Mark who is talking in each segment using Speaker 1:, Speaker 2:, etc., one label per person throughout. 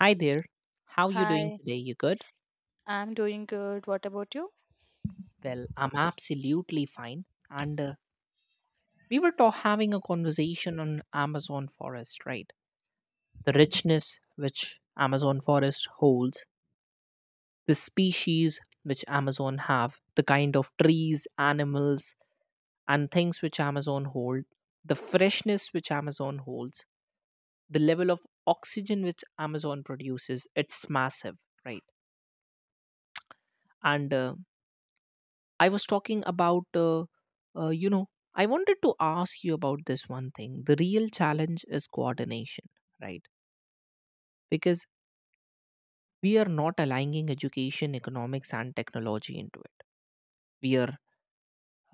Speaker 1: Hi there. How you doing
Speaker 2: Hi,
Speaker 1: today? You good?
Speaker 2: I'm doing good. What about you?
Speaker 1: Well, I'm absolutely fine. And we were having a conversation on Amazon forest, right? The richness which Amazon forest holds, the species which Amazon have, the kind of trees, animals, and things which Amazon hold, the freshness which Amazon holds, the level of oxygen which Amazon produces, it's massive, right? And I was talking about, uh, you know, I wanted to ask you about this one thing. The real challenge is coordination, right? Because we are not aligning education, economics, and technology into it. We are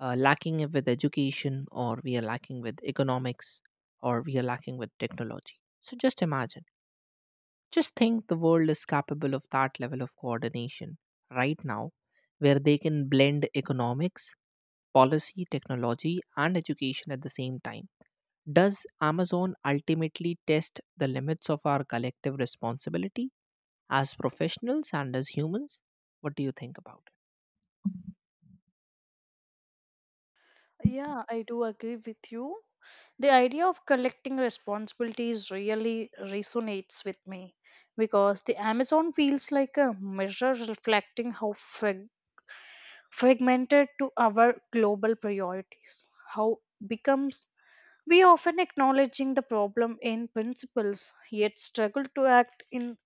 Speaker 1: lacking it with education, or we are lacking with economics, or we are lacking with technology. So just imagine, just think the world is capable of that level of coordination right now, where they can blend economics, policy, technology, and education at the same time. Does Amazon ultimately test the limits of our collective responsibility as professionals and as humans? What do you think about it?
Speaker 2: Yeah, I do agree with you. The idea of collecting responsibilities really resonates with me because the Amazon feels like a mirror reflecting how fragmented to our global priorities, how becomes we often acknowledging the problem in principles yet struggle to act in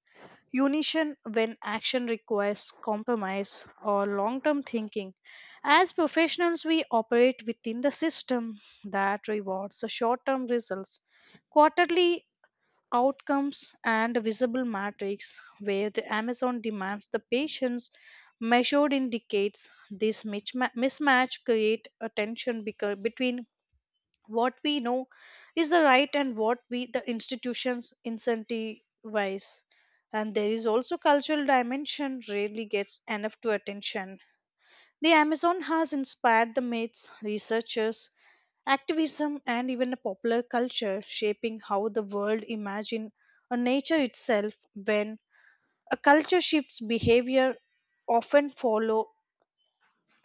Speaker 2: Unison when action requires compromise or long term thinking. As professionals, we operate within the system that rewards the short term results, quarterly outcomes, and visible metrics, where the Amazon demands the patience measured in decades. This mismatch creates a tension between what we know is the right and what we the institutions incentivize, and there is also cultural dimension rarely gets enough to attention. The Amazon has inspired the myths, researchers, activism, and even a popular culture, shaping how the world imagine a nature itself. When a culture shifts, behavior often follow,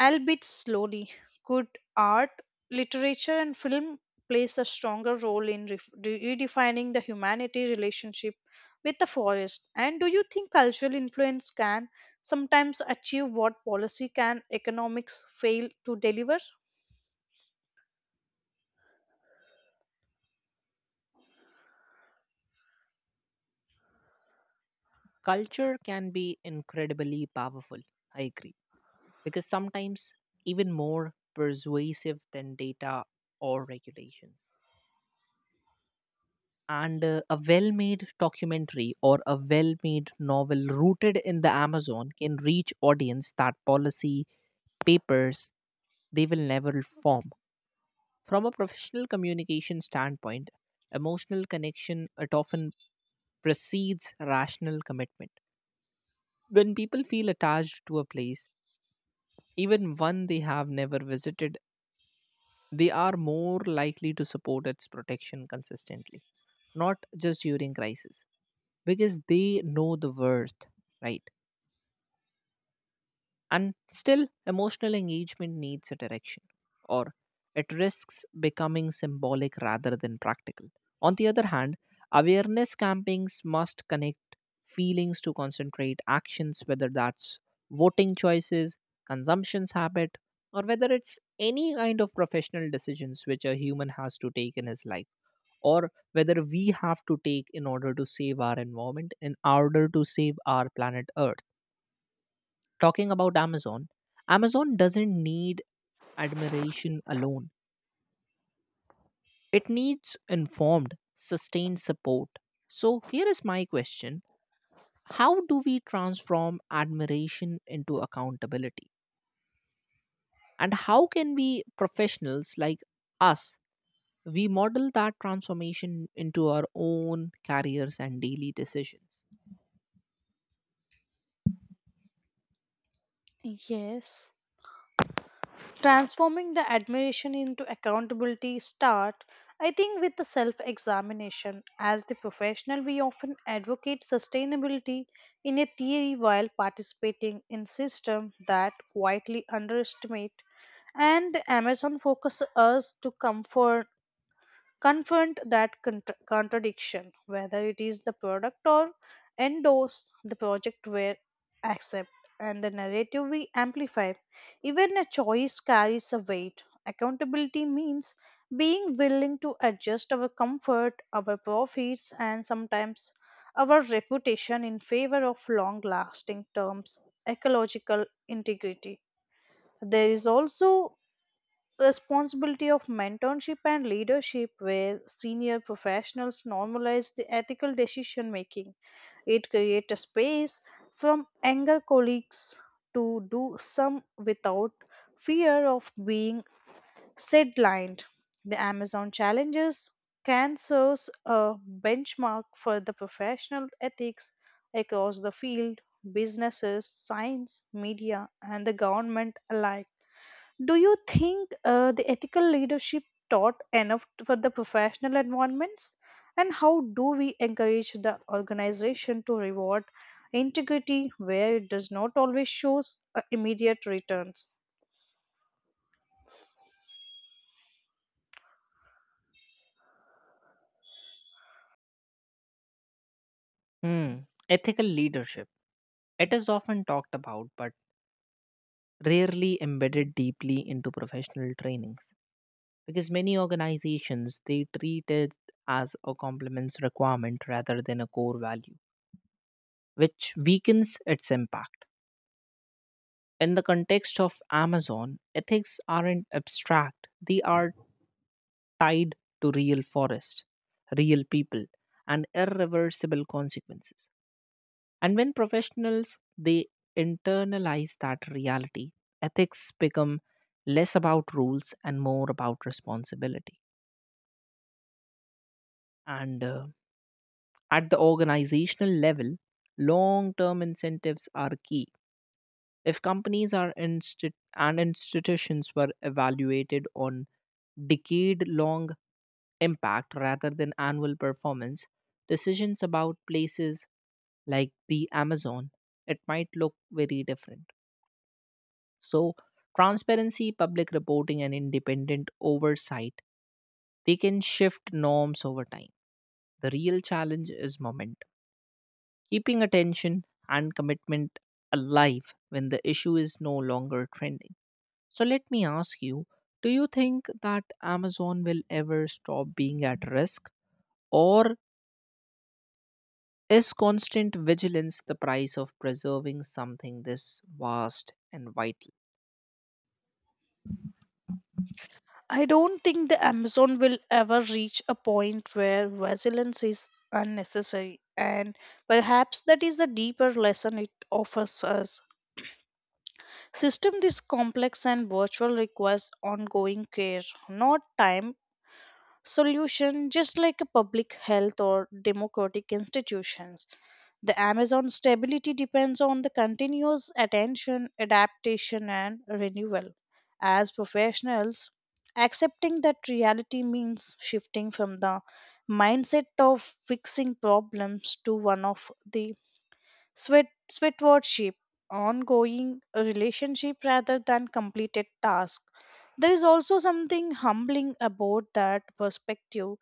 Speaker 2: albeit slowly. Good art, literature, and film plays a stronger role in redefining the humanity relationship with the forest. And do you think cultural influence can sometimes achieve what policy can economics fail to deliver?
Speaker 1: Culture can be incredibly powerful, I agree, because sometimes even more persuasive than data or regulations. And a well made documentary or a well made novel rooted in the Amazon can reach audience that policy papers they will never form. From a professional communication standpoint, emotional connection it often precedes rational commitment. When people feel attached to a place, even one they have never visited, they are more likely to support its protection consistently, not just during crisis, because they know the worth, right? And still, emotional engagement needs a direction, or it risks becoming symbolic rather than practical. On the other hand, awareness campaigns must connect feelings to concentrate actions, whether that's voting choices, consumption's habit, or whether it's any kind of professional decisions which a human has to take in his life, or whether we have to take in order to save our environment, in order to save our planet Earth. Talking about Amazon, Amazon doesn't need admiration alone, it needs informed, sustained support. So, here is my question. How do we transform admiration into accountability? And how can we professionals like us? We model that transformation into our own careers and daily decisions.
Speaker 2: Yes. Transforming the admiration into accountability start, I think, with the self-examination. As the professional, we often advocate sustainability in a theory while participating in system that quietly underestimate, and the Amazon focus us to comfort, confront that contradiction, whether it is the product or endorse the project where accept and the narrative we amplify. Even a choice carries a weight. Accountability means being willing to adjust our comfort, our profits, and sometimes our reputation in favor of long lasting terms, ecological integrity. There is also responsibility of mentorship and leadership where senior professionals normalize the ethical decision making. It creates a space from anger colleagues to do some without fear of being sidelined. The Amazon challenges can serve a benchmark for the professional ethics across the field, businesses, science, media, and the government alike. Do you think the ethical leadership taught enough for the professional environments? And how do we encourage the organization to reward integrity where it does not always shows immediate returns?
Speaker 1: Hmm. Ethical leadership. It is often talked about, but rarely embedded deeply into professional trainings. Because many organizations they treat it as a complements requirement rather than a core value which weakens its impact in the context of Amazon. Ethics aren't abstract, they are tied to real forest, real people, and irreversible consequences. And when professionals they internalize that reality, ethics become less about rules and more about responsibility. And At the organizational level, long term incentives are key. If companies and institutions were evaluated on decade long impact rather than annual performance, decisions about places like the Amazon, it might look very different. So, transparency, public reporting, and independent oversight, they can shift norms over time. The real challenge is momentum, keeping attention and commitment alive when the issue is no longer trending. So let me ask you, do you think that Amazon will ever stop being at risk? Or is constant vigilance the price of preserving something this vast and vital?
Speaker 2: I don't think the Amazon will ever reach a point where resilience is unnecessary, and perhaps that is a deeper lesson it offers us. System this complex and virtual requires ongoing care, not time solution, just like a public health or democratic institutions. The Amazon's stability depends on the continuous attention, adaptation, and renewal. As professionals, accepting that reality means shifting from the mindset of fixing problems to one of the Sweat, sweatwardship, ongoing relationship rather than completed task. There is also something humbling about that perspective.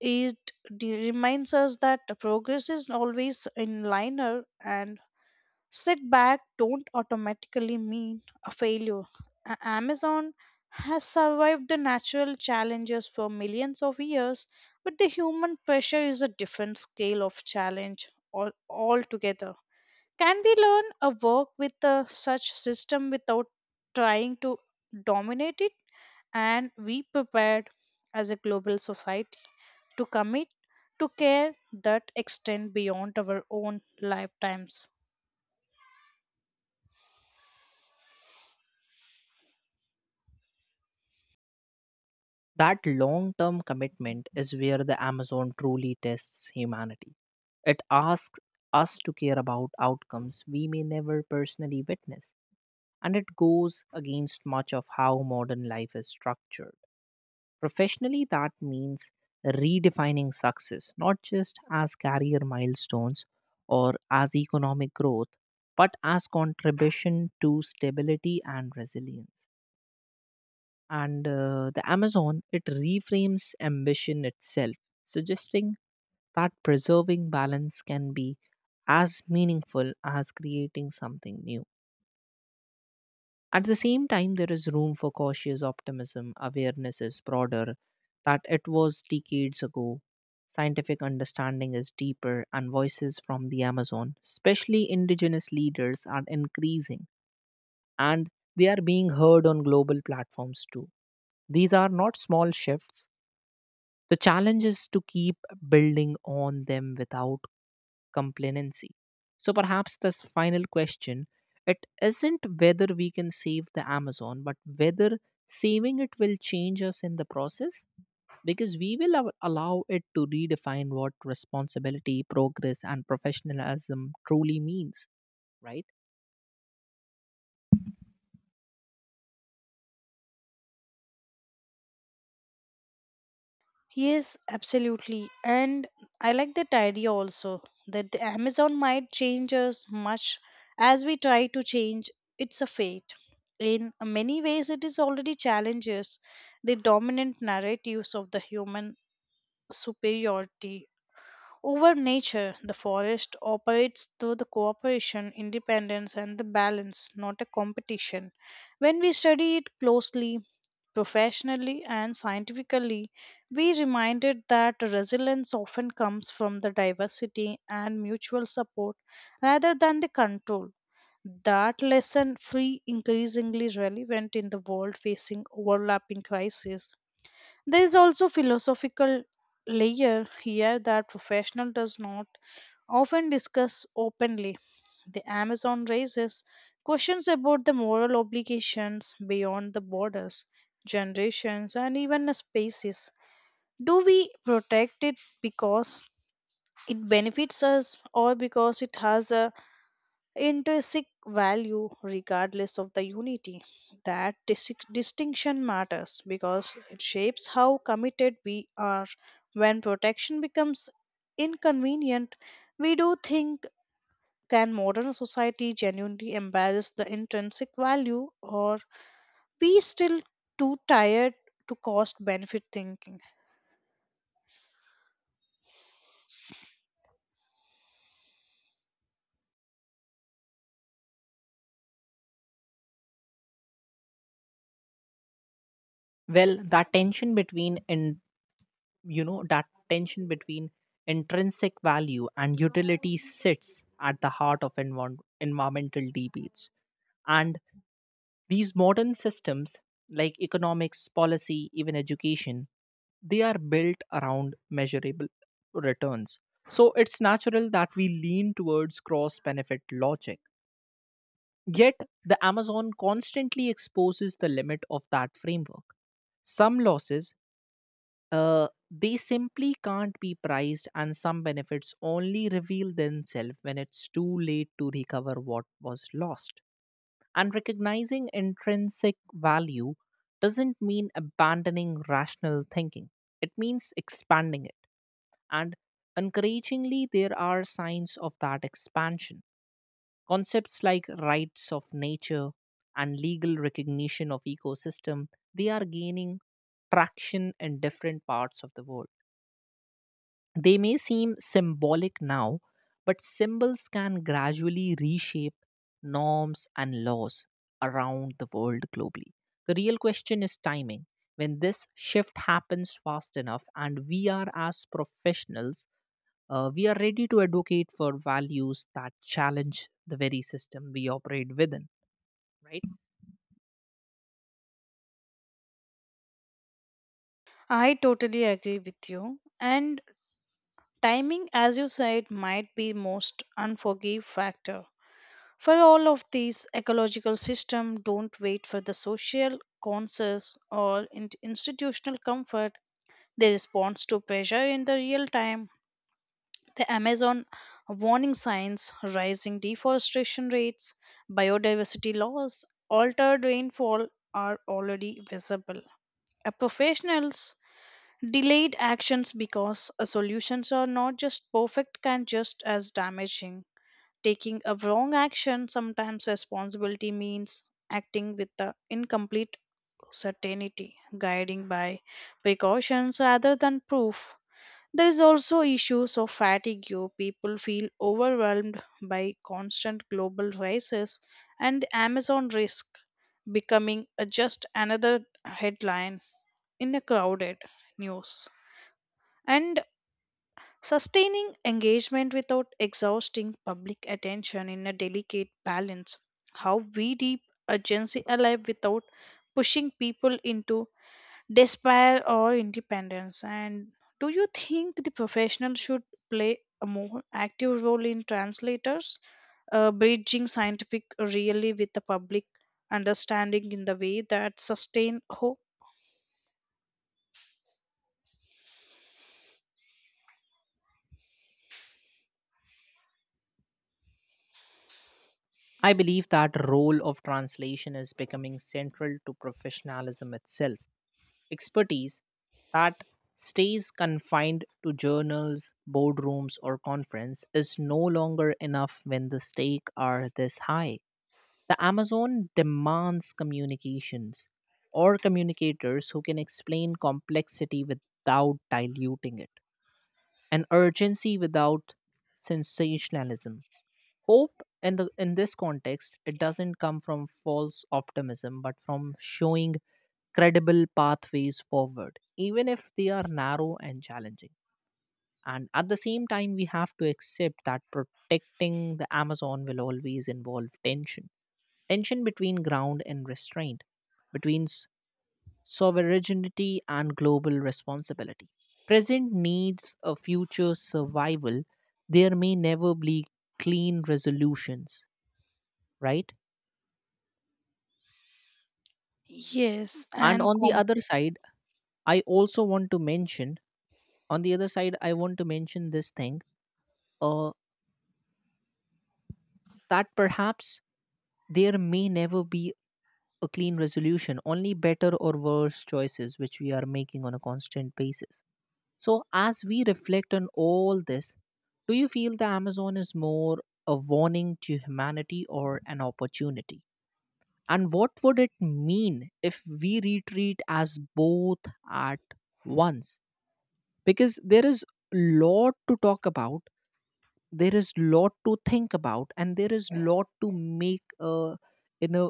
Speaker 2: It reminds us that progress is always in liner, and setback don't automatically mean a failure. Amazon has survived the natural challenges for millions of years, but the human pressure is a different scale of challenge all altogether. Can we learn a work with a such system without trying to dominate it, and be prepared as a global society to commit to care that extend beyond our own lifetimes?
Speaker 1: That long term commitment is where the Amazon truly tests humanity. It asks us to care about outcomes we may never personally witness, and it goes against much of how modern life is structured. Professionally, that means redefining success, not just as career milestones or as economic growth, but as contribution to stability and resilience. And the Amazon, it reframes ambition itself, suggesting that preserving balance can be as meaningful as creating something new. At the same time, there is room for cautious optimism. Awareness is broader that it was decades ago. Scientific understanding is deeper, and voices from the Amazon, especially indigenous leaders, are increasing and they are being heard on global platforms too. These are not small shifts. The challenge is to keep building on them without complacency. So perhaps this final question, it isn't whether we can save the Amazon, but whether saving it will change us in the process, because we will allow it to redefine what responsibility, progress, and professionalism truly means, right?
Speaker 2: Yes, absolutely. And I like that idea also, that the Amazon might change us much as we try to change its a fate. In many ways, it is already challenges the dominant narratives of the human superiority over nature. The forest operates through the cooperation, independence, and the balance, not a competition. When we study it closely, professionally, and scientifically, we reminded that resilience often comes from the diversity and mutual support rather than the control. That lesson free increasingly relevant in the world facing overlapping crises. There is also philosophical layer here that professional does not often discuss openly. The Amazon raises questions about the moral obligations beyond the borders, generations, and even the spaces. Do we protect it because it benefits us, or because it has a intrinsic value regardless of the unity? That distinction matters because it shapes how committed we are. When protection becomes inconvenient, we do think can modern society genuinely embrace the intrinsic value, or we still too tired to cost benefit thinking.
Speaker 1: Well, that tension between and you know that tension between intrinsic value and utility sits at the heart of environmental debates. And these modern systems, like economics, policy, even education, they are built around measurable returns. So it's natural that we lean towards cross benefit logic. Yet, the Amazon constantly exposes the limit of that framework. Some losses, they simply can't be priced, and some benefits only reveal themselves when it's too late to recover what was lost. And recognizing intrinsic value doesn't mean abandoning rational thinking, it means expanding it. And encouragingly, there are signs of that expansion. Concepts like rights of nature and legal recognition of ecosystem, they are gaining traction in different parts of the world. They may seem symbolic now, but symbols can gradually reshape norms and laws around the world globally. The real question is timing. When this shift happens fast enough, and we are as professionals, we are ready to advocate for values that challenge the very system we operate within, right?
Speaker 2: I totally agree with you, and timing, as you said, might be most unforgiving factor. For all of these, ecological systems don't wait for the social consensus or institutional comfort. They respond to pressure in the real time. The Amazon warning signs, rising deforestation rates, biodiversity loss, altered rainfall are already visible. A professionals delayed actions because solutions are not just perfect can just as damaging. Taking a wrong action, sometimes responsibility means acting with the incomplete certainty, guiding by precautions rather than proof. There is also issues of fatigue, people feel overwhelmed by constant global races, and the Amazon risk becoming a just another headline in a crowded news. And sustaining engagement without exhausting public attention in a delicate balance, how we deep urgency alive without pushing people into despair or independence. And do you think the professional should play a more active role in translators, bridging scientific really with the public understanding in the way that sustain hope?
Speaker 1: I believe that role of translation is becoming central to professionalism itself. Expertise that stays confined to journals, boardrooms, or conference is no longer enough when the stakes are this high. The Amazon demands communications or communicators who can explain complexity without diluting it, and urgency without sensationalism. Hope in this context, it doesn't come from false optimism, but from showing credible pathways forward, even if they are narrow and challenging. And at the same time, we have to accept that protecting the Amazon will always involve tension, tension between ground and restraint, between sovereignty and global responsibility. Present needs a future survival, there may never be clean resolutions, right?
Speaker 2: Yes,
Speaker 1: And
Speaker 2: and
Speaker 1: on the other side, I also want to mention, On the other side, I want to mention this thing, uh, that perhaps there may never be a clean resolution, only better or worse choices which we are making on a constant basis. So, as we reflect on all this, do you feel the Amazon is more a warning to humanity or an opportunity? And what would it mean if we retreat as both at once? Because there is lot to talk about, there is lot to think about, and there is lot to make in a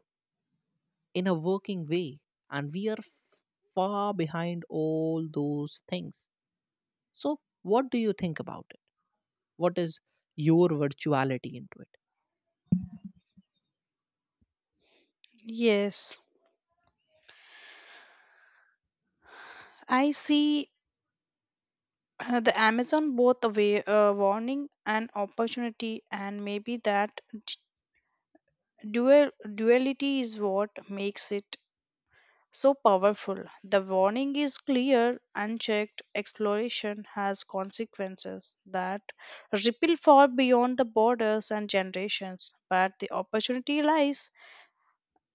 Speaker 1: working way, and we are far behind all those things. So what do you think about it? What is your virtuality into it?
Speaker 2: yes. I see, the Amazon both a way, warning and opportunity, and maybe that dual duality is what makes it so powerful. The warning is clear, unchecked exploration has consequences that ripple far beyond the borders and generations, but the opportunity lies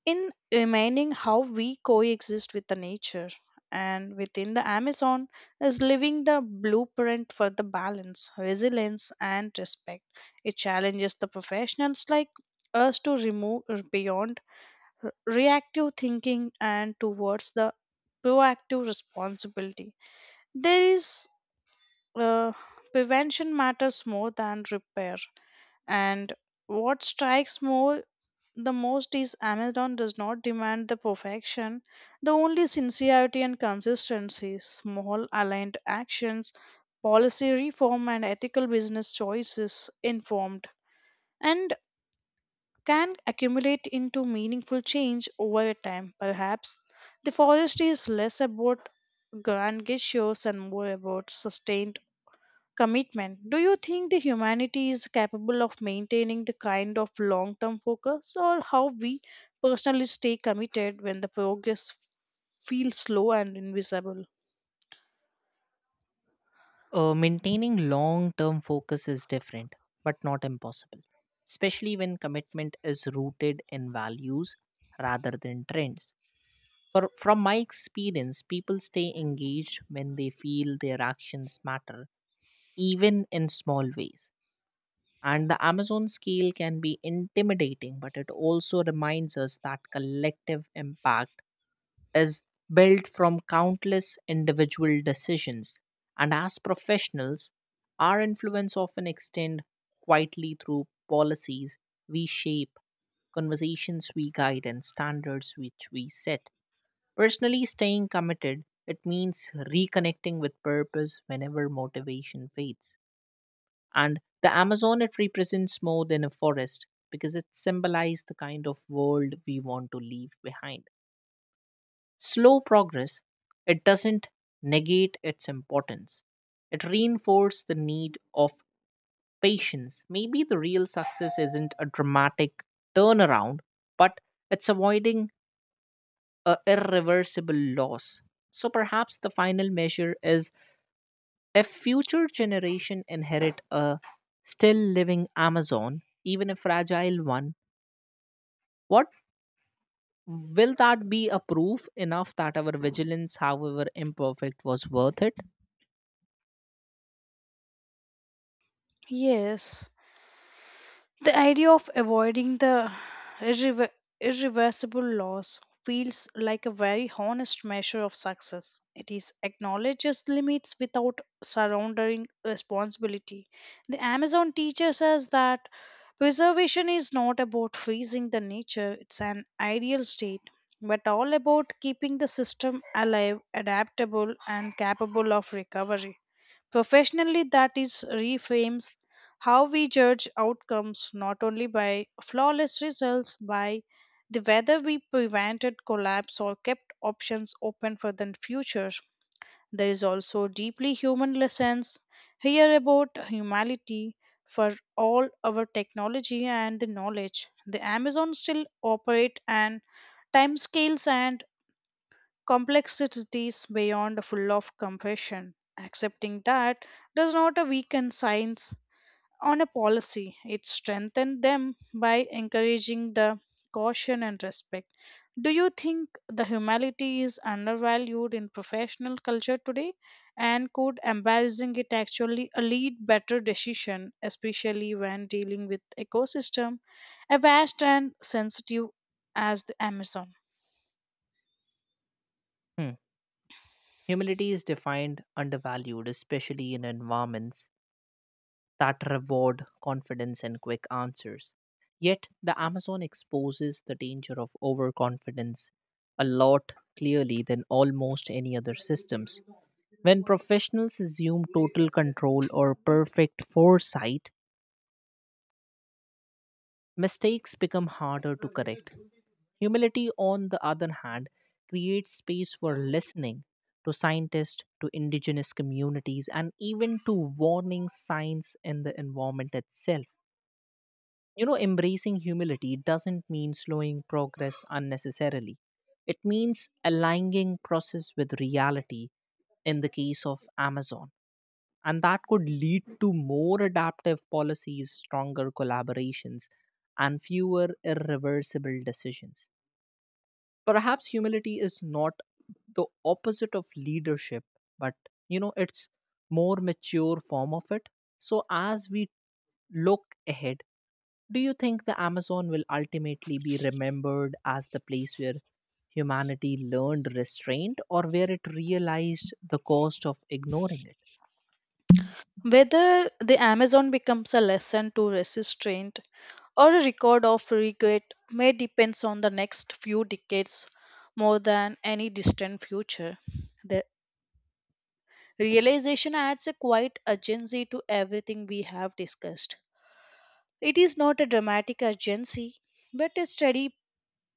Speaker 2: in remaining how we coexist with the nature, and within the Amazon is living the blueprint for the balance, resilience, and respect. It challenges the professionals like us to remove beyond re- reactive thinking and towards the proactive responsibility. There is uh, prevention matters more than repair, and what strikes more the most is Amazon does not demand the perfection, the only sincerity and consistency, small aligned actions, policy reform, and ethical business choices informed, and can accumulate into meaningful change over time. Perhaps the forest is less about grand gestures and more about sustained commitment. Do you think the humanity is capable of maintaining the kind of long term focus, or how we personally stay committed when the progress feels slow and invisible?
Speaker 1: Maintaining long term focus is different but not impossible, especially when commitment is rooted in values rather than trends. From my experience, people stay engaged when they feel their actions matter, even in small ways. And the Amazon scale can be intimidating, but it also reminds us that collective impact is built from countless individual decisions. And as professionals, our influence often extends quietly through policies we shape, conversations we guide, and standards which we set. Personally, staying committed, it means reconnecting with purpose whenever motivation fades. And the Amazon, it represents more than a forest because it symbolizes the kind of world we want to leave behind. Slow progress, it doesn't negate its importance. It reinforces the need of patience. Maybe the real success isn't a dramatic turnaround, but it's avoiding a irreversible loss. So perhaps the final measure is if future generation inherit a still living Amazon, even a fragile one, what, will that be a proof enough that our vigilance, however imperfect, was worth it?
Speaker 2: Yes. The idea of avoiding the irrever- irreversible loss feels like a very honest measure of success. It is acknowledges limits without surrendering responsibility. The Amazon teaches us that preservation is not about freezing the nature, it's an ideal state, but all about keeping the system alive, adaptable, and capable of recovery. Professionally, that is reframes how we judge outcomes, not only by flawless results, by the whether we prevented collapse or kept options open for the future. There is also deeply human lessons here about humanity, for all our technology and the knowledge. The Amazon still operate and timescales and complexities beyond full of compassion. Accepting that does not weaken science on a policy. It strengthens them by encouraging the caution and respect. Do you think the humanity is undervalued in professional culture today? And could embarrassing it actually lead better decision, especially when dealing with ecosystem, a vast and sensitive as the Amazon?
Speaker 1: Hmm. Humility is defined undervalued, especially in environments that reward confidence and quick answers. Yet, the Amazon exposes the danger of overconfidence a lot clearly than almost any other systems. When professionals assume total control or perfect foresight, mistakes become harder to correct. Humility, on the other hand, creates space for listening to scientists, to indigenous communities, and even to warning signs in the environment itself. You know, embracing humility doesn't mean slowing progress unnecessarily. It means aligning process with reality in the case of Amazon. And that could lead to more adaptive policies, stronger collaborations, and fewer irreversible decisions. Perhaps humility is not the opposite of leadership, but, you know, it's more mature form of it. So as we look ahead, do you think the Amazon will ultimately be remembered as the place where humanity learned restraint or where it realized the cost of ignoring it?
Speaker 2: Whether the Amazon becomes a lesson to restraint or a record of regret may depend on the next few decades more than any distant future. The realization adds a quiet urgency to everything we have discussed. It is not a dramatic urgency, but a steady,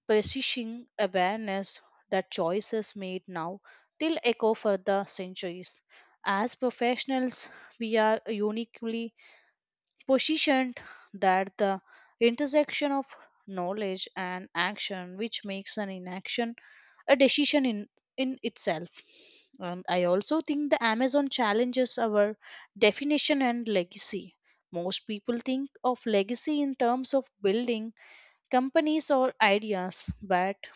Speaker 2: persisting awareness that choices made now will echo for the centuries. As professionals, we are uniquely positioned that the intersection of knowledge and action, which makes an inaction a decision in itself. And I also think the Amazon challenges our definition and legacy. Most people think of legacy in terms of building companies or ideas, but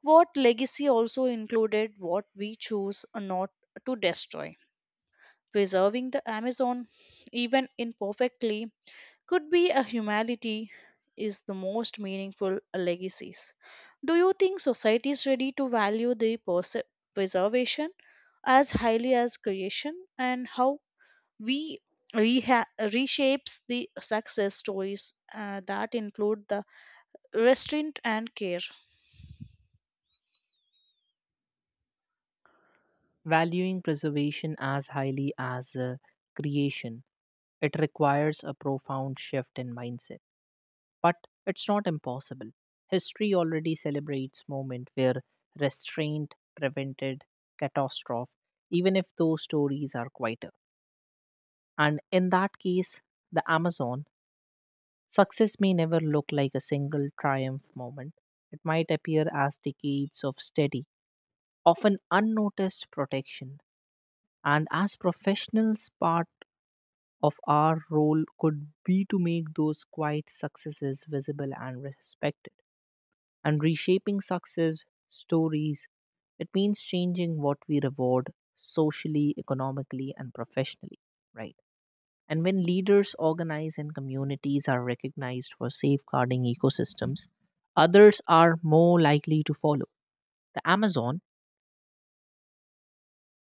Speaker 2: what legacy also included what we choose not to destroy. Preserving the Amazon, even imperfectly, could be a humanity is the most meaningful legacies. Do you think society is ready to value the preservation as highly as creation, and how we reshapes the success stories that include the restraint and care?
Speaker 1: Valuing preservation as highly as creation, it requires a profound shift in mindset. But it's not impossible. History already celebrates moments where restraint prevented catastrophe, even if those stories are quieter. And in that case, the Amazon success may never look like a single triumph moment. It might appear as decades of steady, often unnoticed protection. And as professionals, part of our role could be to make those quiet successes visible and respected. And reshaping success stories, it means changing what we reward socially, economically, and professionally, right? And when leaders organize and communities are recognized for safeguarding ecosystems, others are more likely to follow. The Amazon,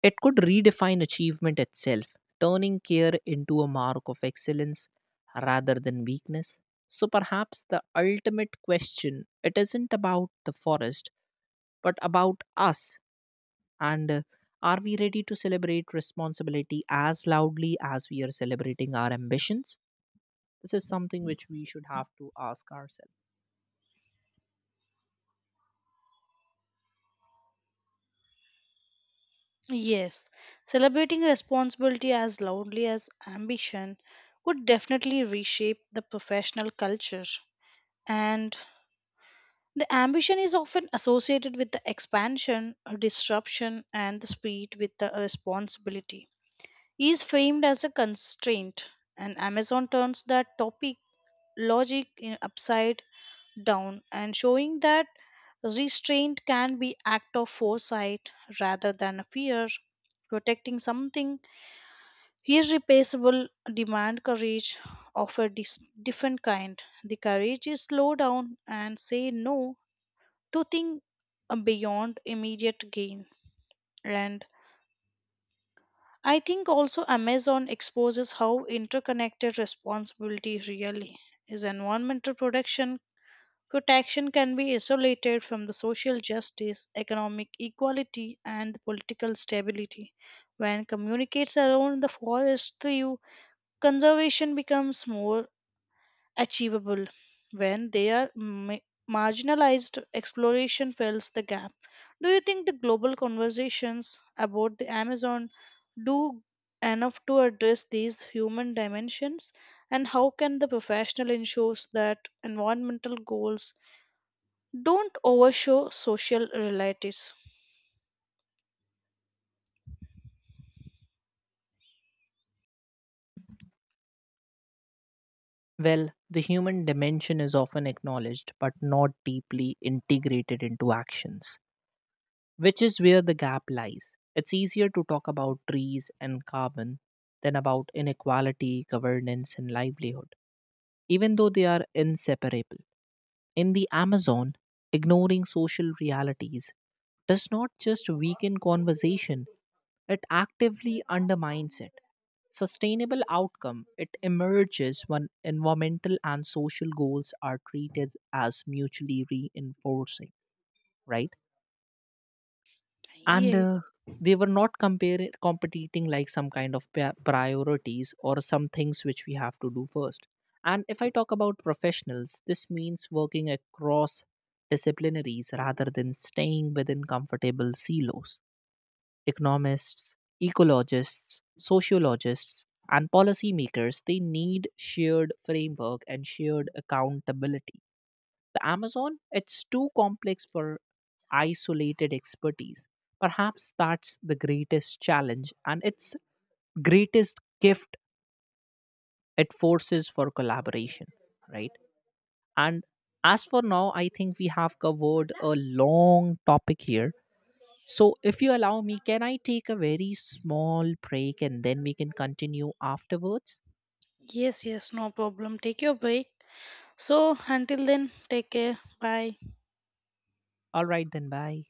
Speaker 1: it could redefine achievement itself, turning care into a mark of excellence rather than weakness. So perhaps the ultimate question, it isn't about the forest, but about us, and are we ready to celebrate responsibility as loudly as we are celebrating our ambitions? This is something which we should have to ask ourselves.
Speaker 2: Yes, celebrating responsibility as loudly as ambition would definitely reshape the professional culture. And the ambition is often associated with the expansion, disruption, and the speed with the responsibility. Is framed as a constraint, and Amazon turns that topic logic in upside down, and showing that restraint can be act of foresight rather than a fear. Protecting something irreplaceable demand courage of a different kind, the courage is slow down and say no, to think beyond immediate gain. And I think also Amazon exposes how interconnected responsibility really is. Environmental protection can be isolated from the social justice, economic equality, and political stability. When communicates around the forest through conservation becomes more achievable. When they are marginalized, exploration fills the gap. Do you think the global conversations about the Amazon do enough to address these human dimensions? And how can the professional ensures that environmental goals don't overshadow social realities?
Speaker 1: Well, the human dimension is often acknowledged but not deeply integrated into actions, which is where the gap lies. It's easier to talk about trees and carbon than about inequality, governance, and livelihood, even though they are inseparable. In the Amazon, ignoring social realities does not just weaken conversation, it actively undermines it. Sustainable outcome it emerges when environmental and social goals are treated as mutually reinforcing, right? and
Speaker 2: Yes,
Speaker 1: they were not compare competing like some kind of priorities or some things which we have to do first. And if I talk about professionals, this means working across disciplinaries rather than staying within comfortable silos. Economists, ecologists, sociologists, and policymakers, they need shared framework and shared accountability. The Amazon, it's too complex for isolated expertise. Perhaps that's the greatest challenge and its greatest gift, it forces for collaboration, right? And as for now, I think we have covered a long topic here. So, if you allow me, can I take a very small break and then we can continue afterwards?
Speaker 2: yes, yes, no problem. Take your break. So, until then, take care. Bye.
Speaker 1: All right, then, bye.